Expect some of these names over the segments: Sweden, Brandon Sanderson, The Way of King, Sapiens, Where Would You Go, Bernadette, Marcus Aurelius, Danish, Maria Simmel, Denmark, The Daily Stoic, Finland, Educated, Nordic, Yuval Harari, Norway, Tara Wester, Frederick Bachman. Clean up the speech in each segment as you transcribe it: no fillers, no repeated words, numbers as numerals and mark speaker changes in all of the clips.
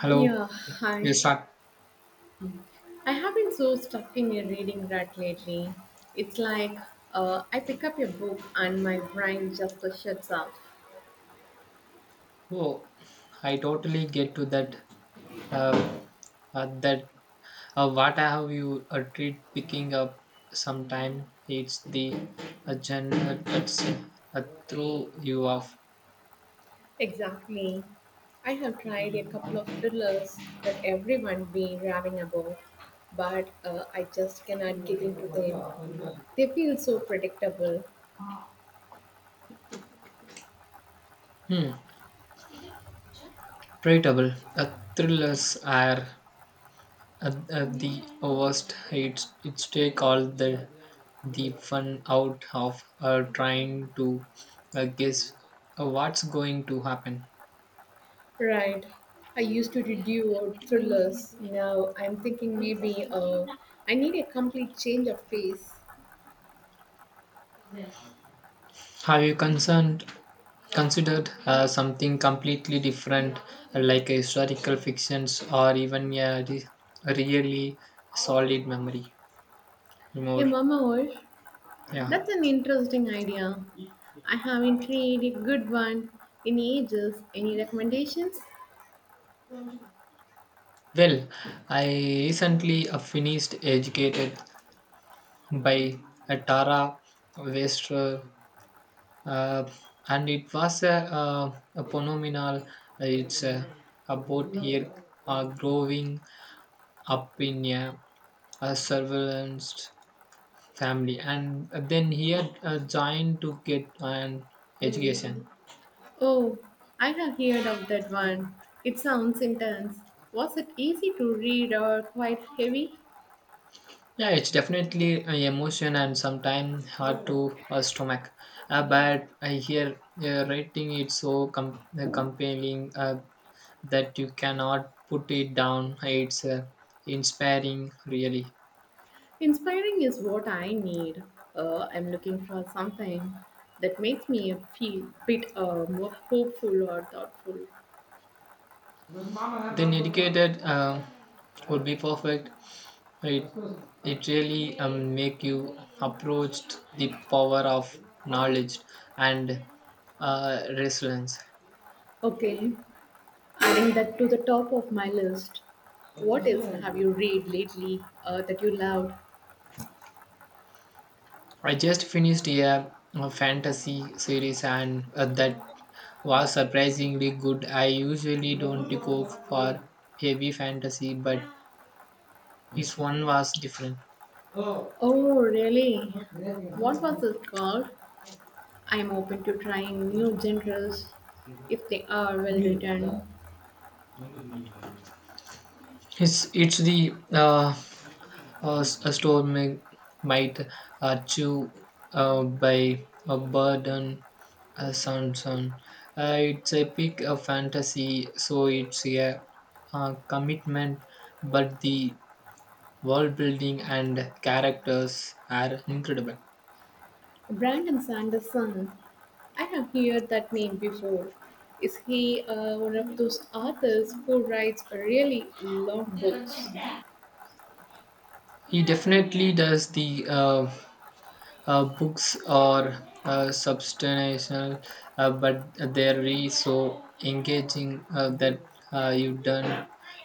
Speaker 1: Hello.
Speaker 2: Yeah, hi.
Speaker 1: Yes, sir.
Speaker 2: I have been so stuck in a reading rut lately. It's like I pick up a book and my brain just shuts off.
Speaker 1: Oh, I totally get to that. Uh, that what have you treat picking up sometime? It's the agenda that's uh, throw you off.
Speaker 2: Exactly. I have tried a couple of thrillers that everyone been raving about, but I just cannot get into them. They feel so predictable.
Speaker 1: Hmm. Predictable. Thrillers are. At the worst, it's take all the fun out of trying to guess what's going to happen.
Speaker 2: Right. I used to do out thrillers. Now I'm thinking maybe I need a complete change of pace.
Speaker 1: Have you concerned considered something completely different, like a historical fictions or even a really solid memory?
Speaker 2: Yeah,
Speaker 1: More,
Speaker 2: Mama, what?
Speaker 1: yeah.
Speaker 2: That's an interesting idea. I haven't tried a good one in ages. Any recommendations?
Speaker 1: Well, I recently finished Educated by Tara Wester uh, and it was a phenomenal. It's about here growing up in a surveillance family, and then here joined to get an education.
Speaker 2: Oh, I have heard of that one. It sounds intense. Was it easy to read or quite heavy?
Speaker 1: Yeah, it's definitely emotion and sometimes hard to stomach. But I hear writing it so compelling that you cannot put it down. It's inspiring, really.
Speaker 2: Inspiring is what I need. I'm looking for something that makes me feel a bit more hopeful or thoughtful.
Speaker 1: Then educated would be perfect. It it really make you approached the power of knowledge and resilience.
Speaker 2: Okay, adding that to the top of my list. What else have you read lately that you loved?
Speaker 1: I just finished a fantasy series and that was surprisingly good. I usually don't go for heavy fantasy, but this one was different.
Speaker 2: Oh, really? What was it called? I'm open to trying new genres if they are well written.
Speaker 1: It's a storm might chew by a bird and a sun. It's a pick a fantasy, so it's a commitment, but the world building and characters are incredible.
Speaker 2: Brandon Sanderson. I have heard that name before. Is he one of those authors who writes really long books?
Speaker 1: He definitely does the books are substantial, but they're really so engaging that uh, you don't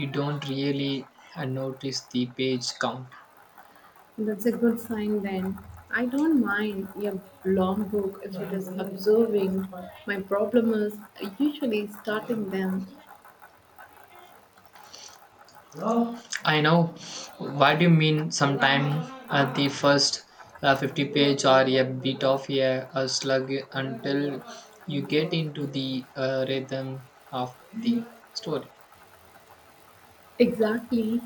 Speaker 1: you don't really notice the page count.
Speaker 2: That's a good sign then. I don't mind a long book if it
Speaker 1: I
Speaker 2: is absorbing. My problem is usually starting them.
Speaker 1: know what you mean. Sometimes the first 50-page are a bit of a slug until you get into the rhythm of the story.
Speaker 2: Exactly.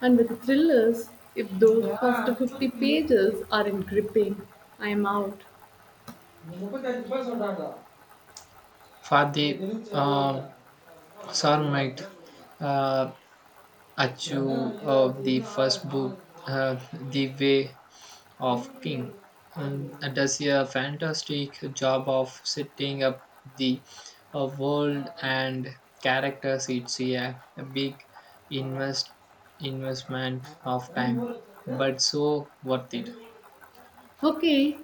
Speaker 2: And with thrillers, if those first 50 pages aren't gripping, I'm out.
Speaker 1: For the uh, soulmate uh, achieve of the first book, uh, The Way of King, um, does a fantastic job of setting up the world and characters. It's a big invest investment of time, but so worth it.
Speaker 2: Okay,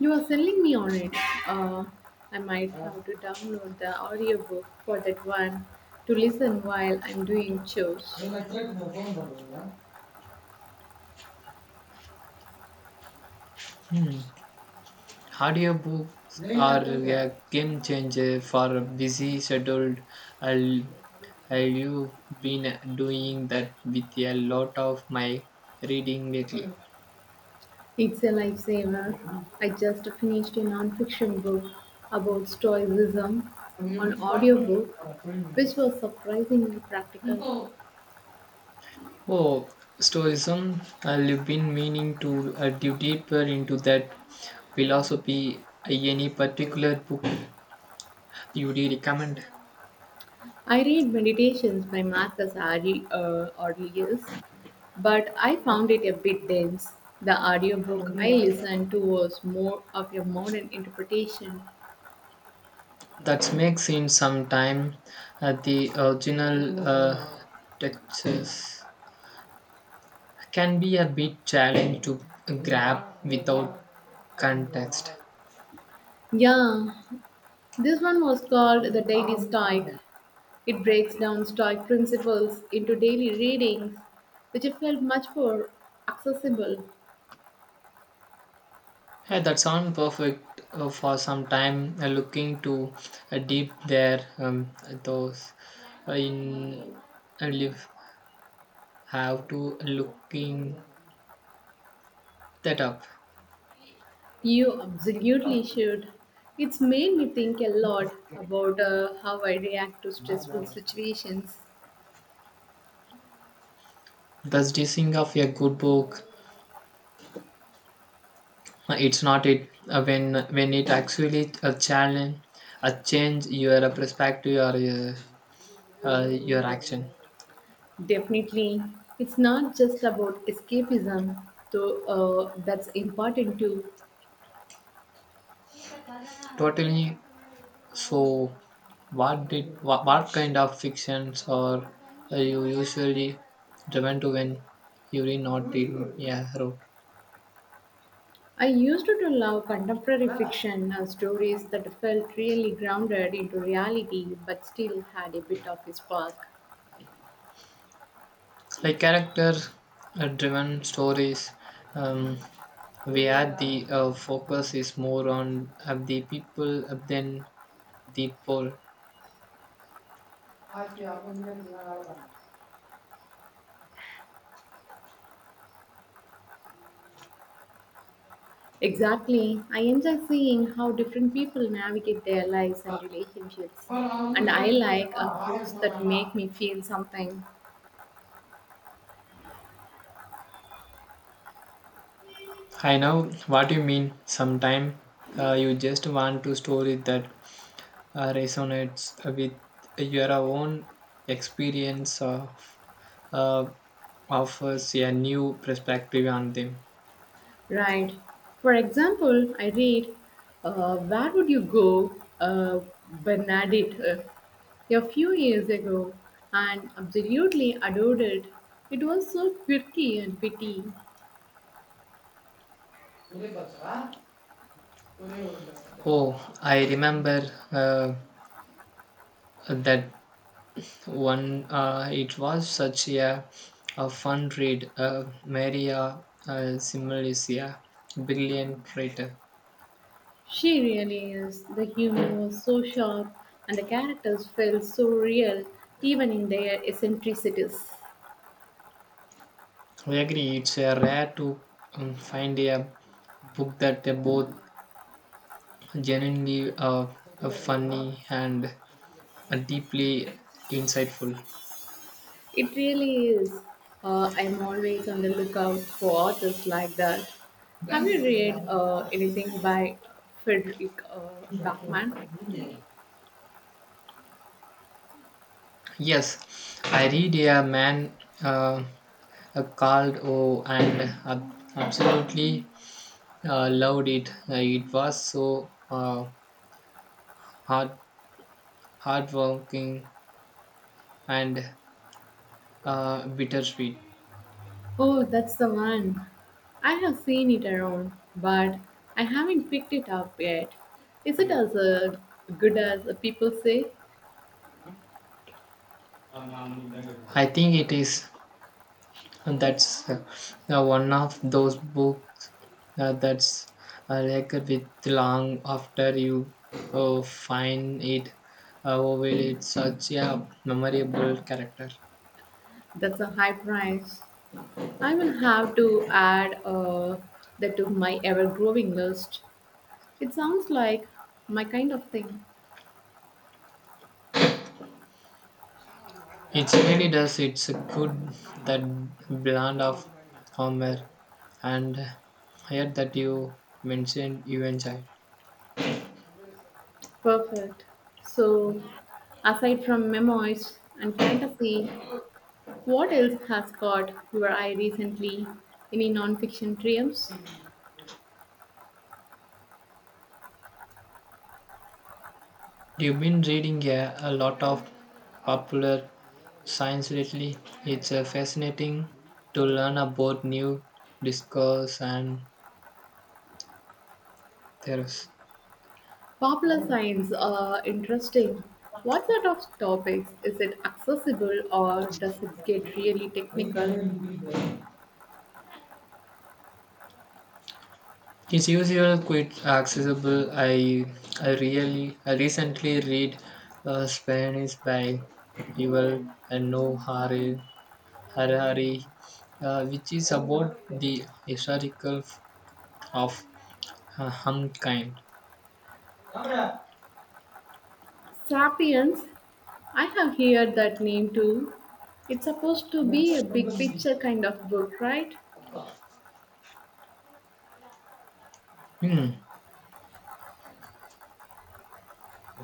Speaker 2: you are selling me on it. Uh, I might have to download the audiobook for that one to listen while I'm doing chores.
Speaker 1: Hmm. Audiobooks are a game changer for a busy scheduled. I'll, I've been doing that with a lot of my reading lately.
Speaker 2: It's a lifesaver. I just finished a nonfiction book about stoicism on audiobook, which was surprisingly practical.
Speaker 1: Oh, Stoicism. I've been meaning to dive deeper into that philosophy. Any particular book you would recommend?
Speaker 2: I read Meditations by Marcus Ari Aurelius, but I found it a bit dense. The audiobook I listened to was more of a modern interpretation.
Speaker 1: That makes him sometime the original textures can be a bit challenge to grab without context.
Speaker 2: Yeah, this one was called The Daily Stoic. It breaks down Stoic principles into daily readings, which I felt much more accessible.
Speaker 1: Hey, that sound perfect for some time looking to deep there. Those in live have to looking that up.
Speaker 2: You absolutely should. It's made me think a lot about how I react to stressful situations.
Speaker 1: Thus, dissing of a good book it's not it when it actually a change your perspective or your action
Speaker 2: Definitely. It's not just about escapism, though that's important too.
Speaker 1: totally. So what kind of fictions are you usually driven to when you really not in yeah route.
Speaker 2: I used to love contemporary fiction, stories that felt really grounded into reality but still had a bit of a spark.
Speaker 1: Like character driven stories um, where the focus is more on the people than the pole. I
Speaker 2: Exactly. I enjoy seeing how different people navigate their lives and relationships. And I like books that make me feel something.
Speaker 1: know what you mean. Sometimes you just want to story that resonates with your own experience of uh, offers a new perspective on them.
Speaker 2: Right. For example, I read Where Would You Go, Bernadette, a few years ago and absolutely adored it. It was so quirky and witty.
Speaker 1: Oh, I remember uh, that one, it was such a fun read. Maria Simmel is a brilliant writer.
Speaker 2: She really is. The humor was so sharp and the characters felt so real, even in their eccentricities.
Speaker 1: We agree, it's a rare to find a book that they both genuinely funny and deeply insightful.
Speaker 2: It really is. I'm always on the lookout for authors like that. Have you read anything by Frederick Bachman?
Speaker 1: Yes, I read a man called O and absolutely loved it. It was so hard, hardworking and bittersweet.
Speaker 2: Oh, that's the one. I have seen it around, but I haven't picked it up yet. Is it as good as people say?
Speaker 1: I think it is that's one of those books that's like with long after you find it. Well, it's such a memorable character.
Speaker 2: That's a high price. I will have to add that to my ever growing list. It sounds like my kind of thing.
Speaker 1: It really does. It's a good that blend of humor and here that you mentioned you enjoyed.
Speaker 2: Perfect. So, aside from memoirs and fantasy, what else has caught your eye recently? Any nonfiction triumphs?
Speaker 1: You've been reading a lot of popular science lately. It's fascinating to learn about new discourse and theories.
Speaker 2: Popular science are interesting. What sort of topics? Is it accessible or does it get really technical?
Speaker 1: It's usual quite accessible. I recently read Spanish by Yuval and No Harari, which is about the historical of humankind.
Speaker 2: Sapiens, I have heard that name too. It's supposed to be a big picture kind of book, right?
Speaker 1: Hmm.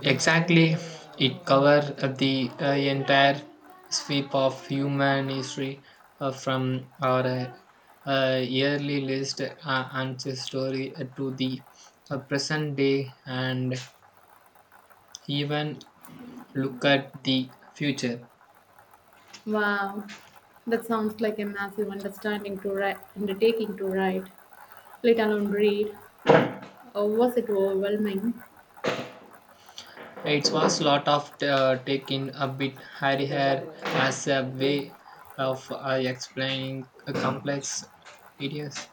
Speaker 1: Exactly, it covers the entire sweep of human history from our yearly list ancestry to the present day and even look at the future.
Speaker 2: Wow, that sounds like a massive understanding to write, undertaking to write, let alone read. Or was it overwhelming?
Speaker 1: It was lot of taking a bit hairy hair as a way of explaining complex ideas.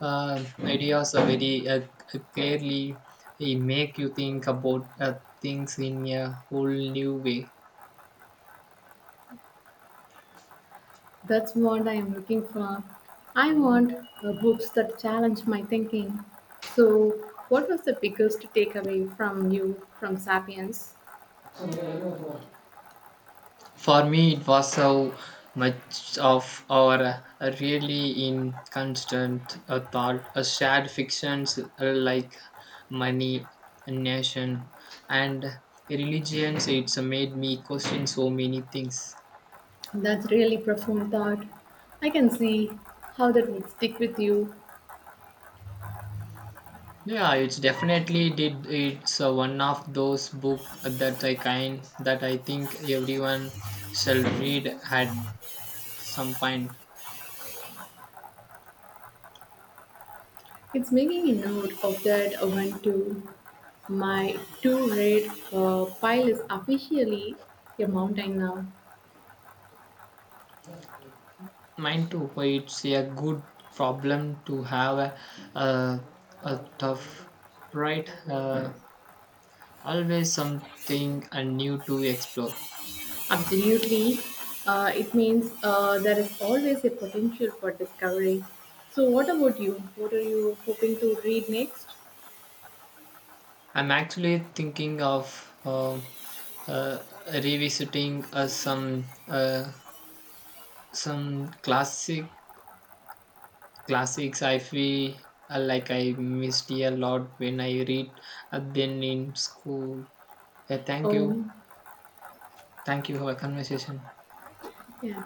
Speaker 1: Ideas are very clearly they make you think about things in a whole new way.
Speaker 2: That's what I am looking for. I want books that challenge my thinking. So, what was the biggest takeaway from you from *Sapiens*?
Speaker 1: For me, it was how much of our really in constant thought, shared fictions like money, nation, and religions. It's made me question so many things.
Speaker 2: That's really profound thought. I can see how that would stick with you.
Speaker 1: Yeah, it's definitely did. It's one of those book that I kind that I think everyone shall read at some point.
Speaker 2: It's making a note of that one too. My two red pile is officially a mountain now.
Speaker 1: Mine too. Why, it's a good problem to have a, a tough, right? Always something new to explore.
Speaker 2: Absolutely. It means there is always a potential for discovery. So, what about you? What are you hoping to read next?
Speaker 1: I'm actually thinking of uh, revisiting some classics I feel like I missed a lot when I read then in school. Yeah, thank you
Speaker 2: Oh,
Speaker 1: thank you for a conversation
Speaker 2: yeah.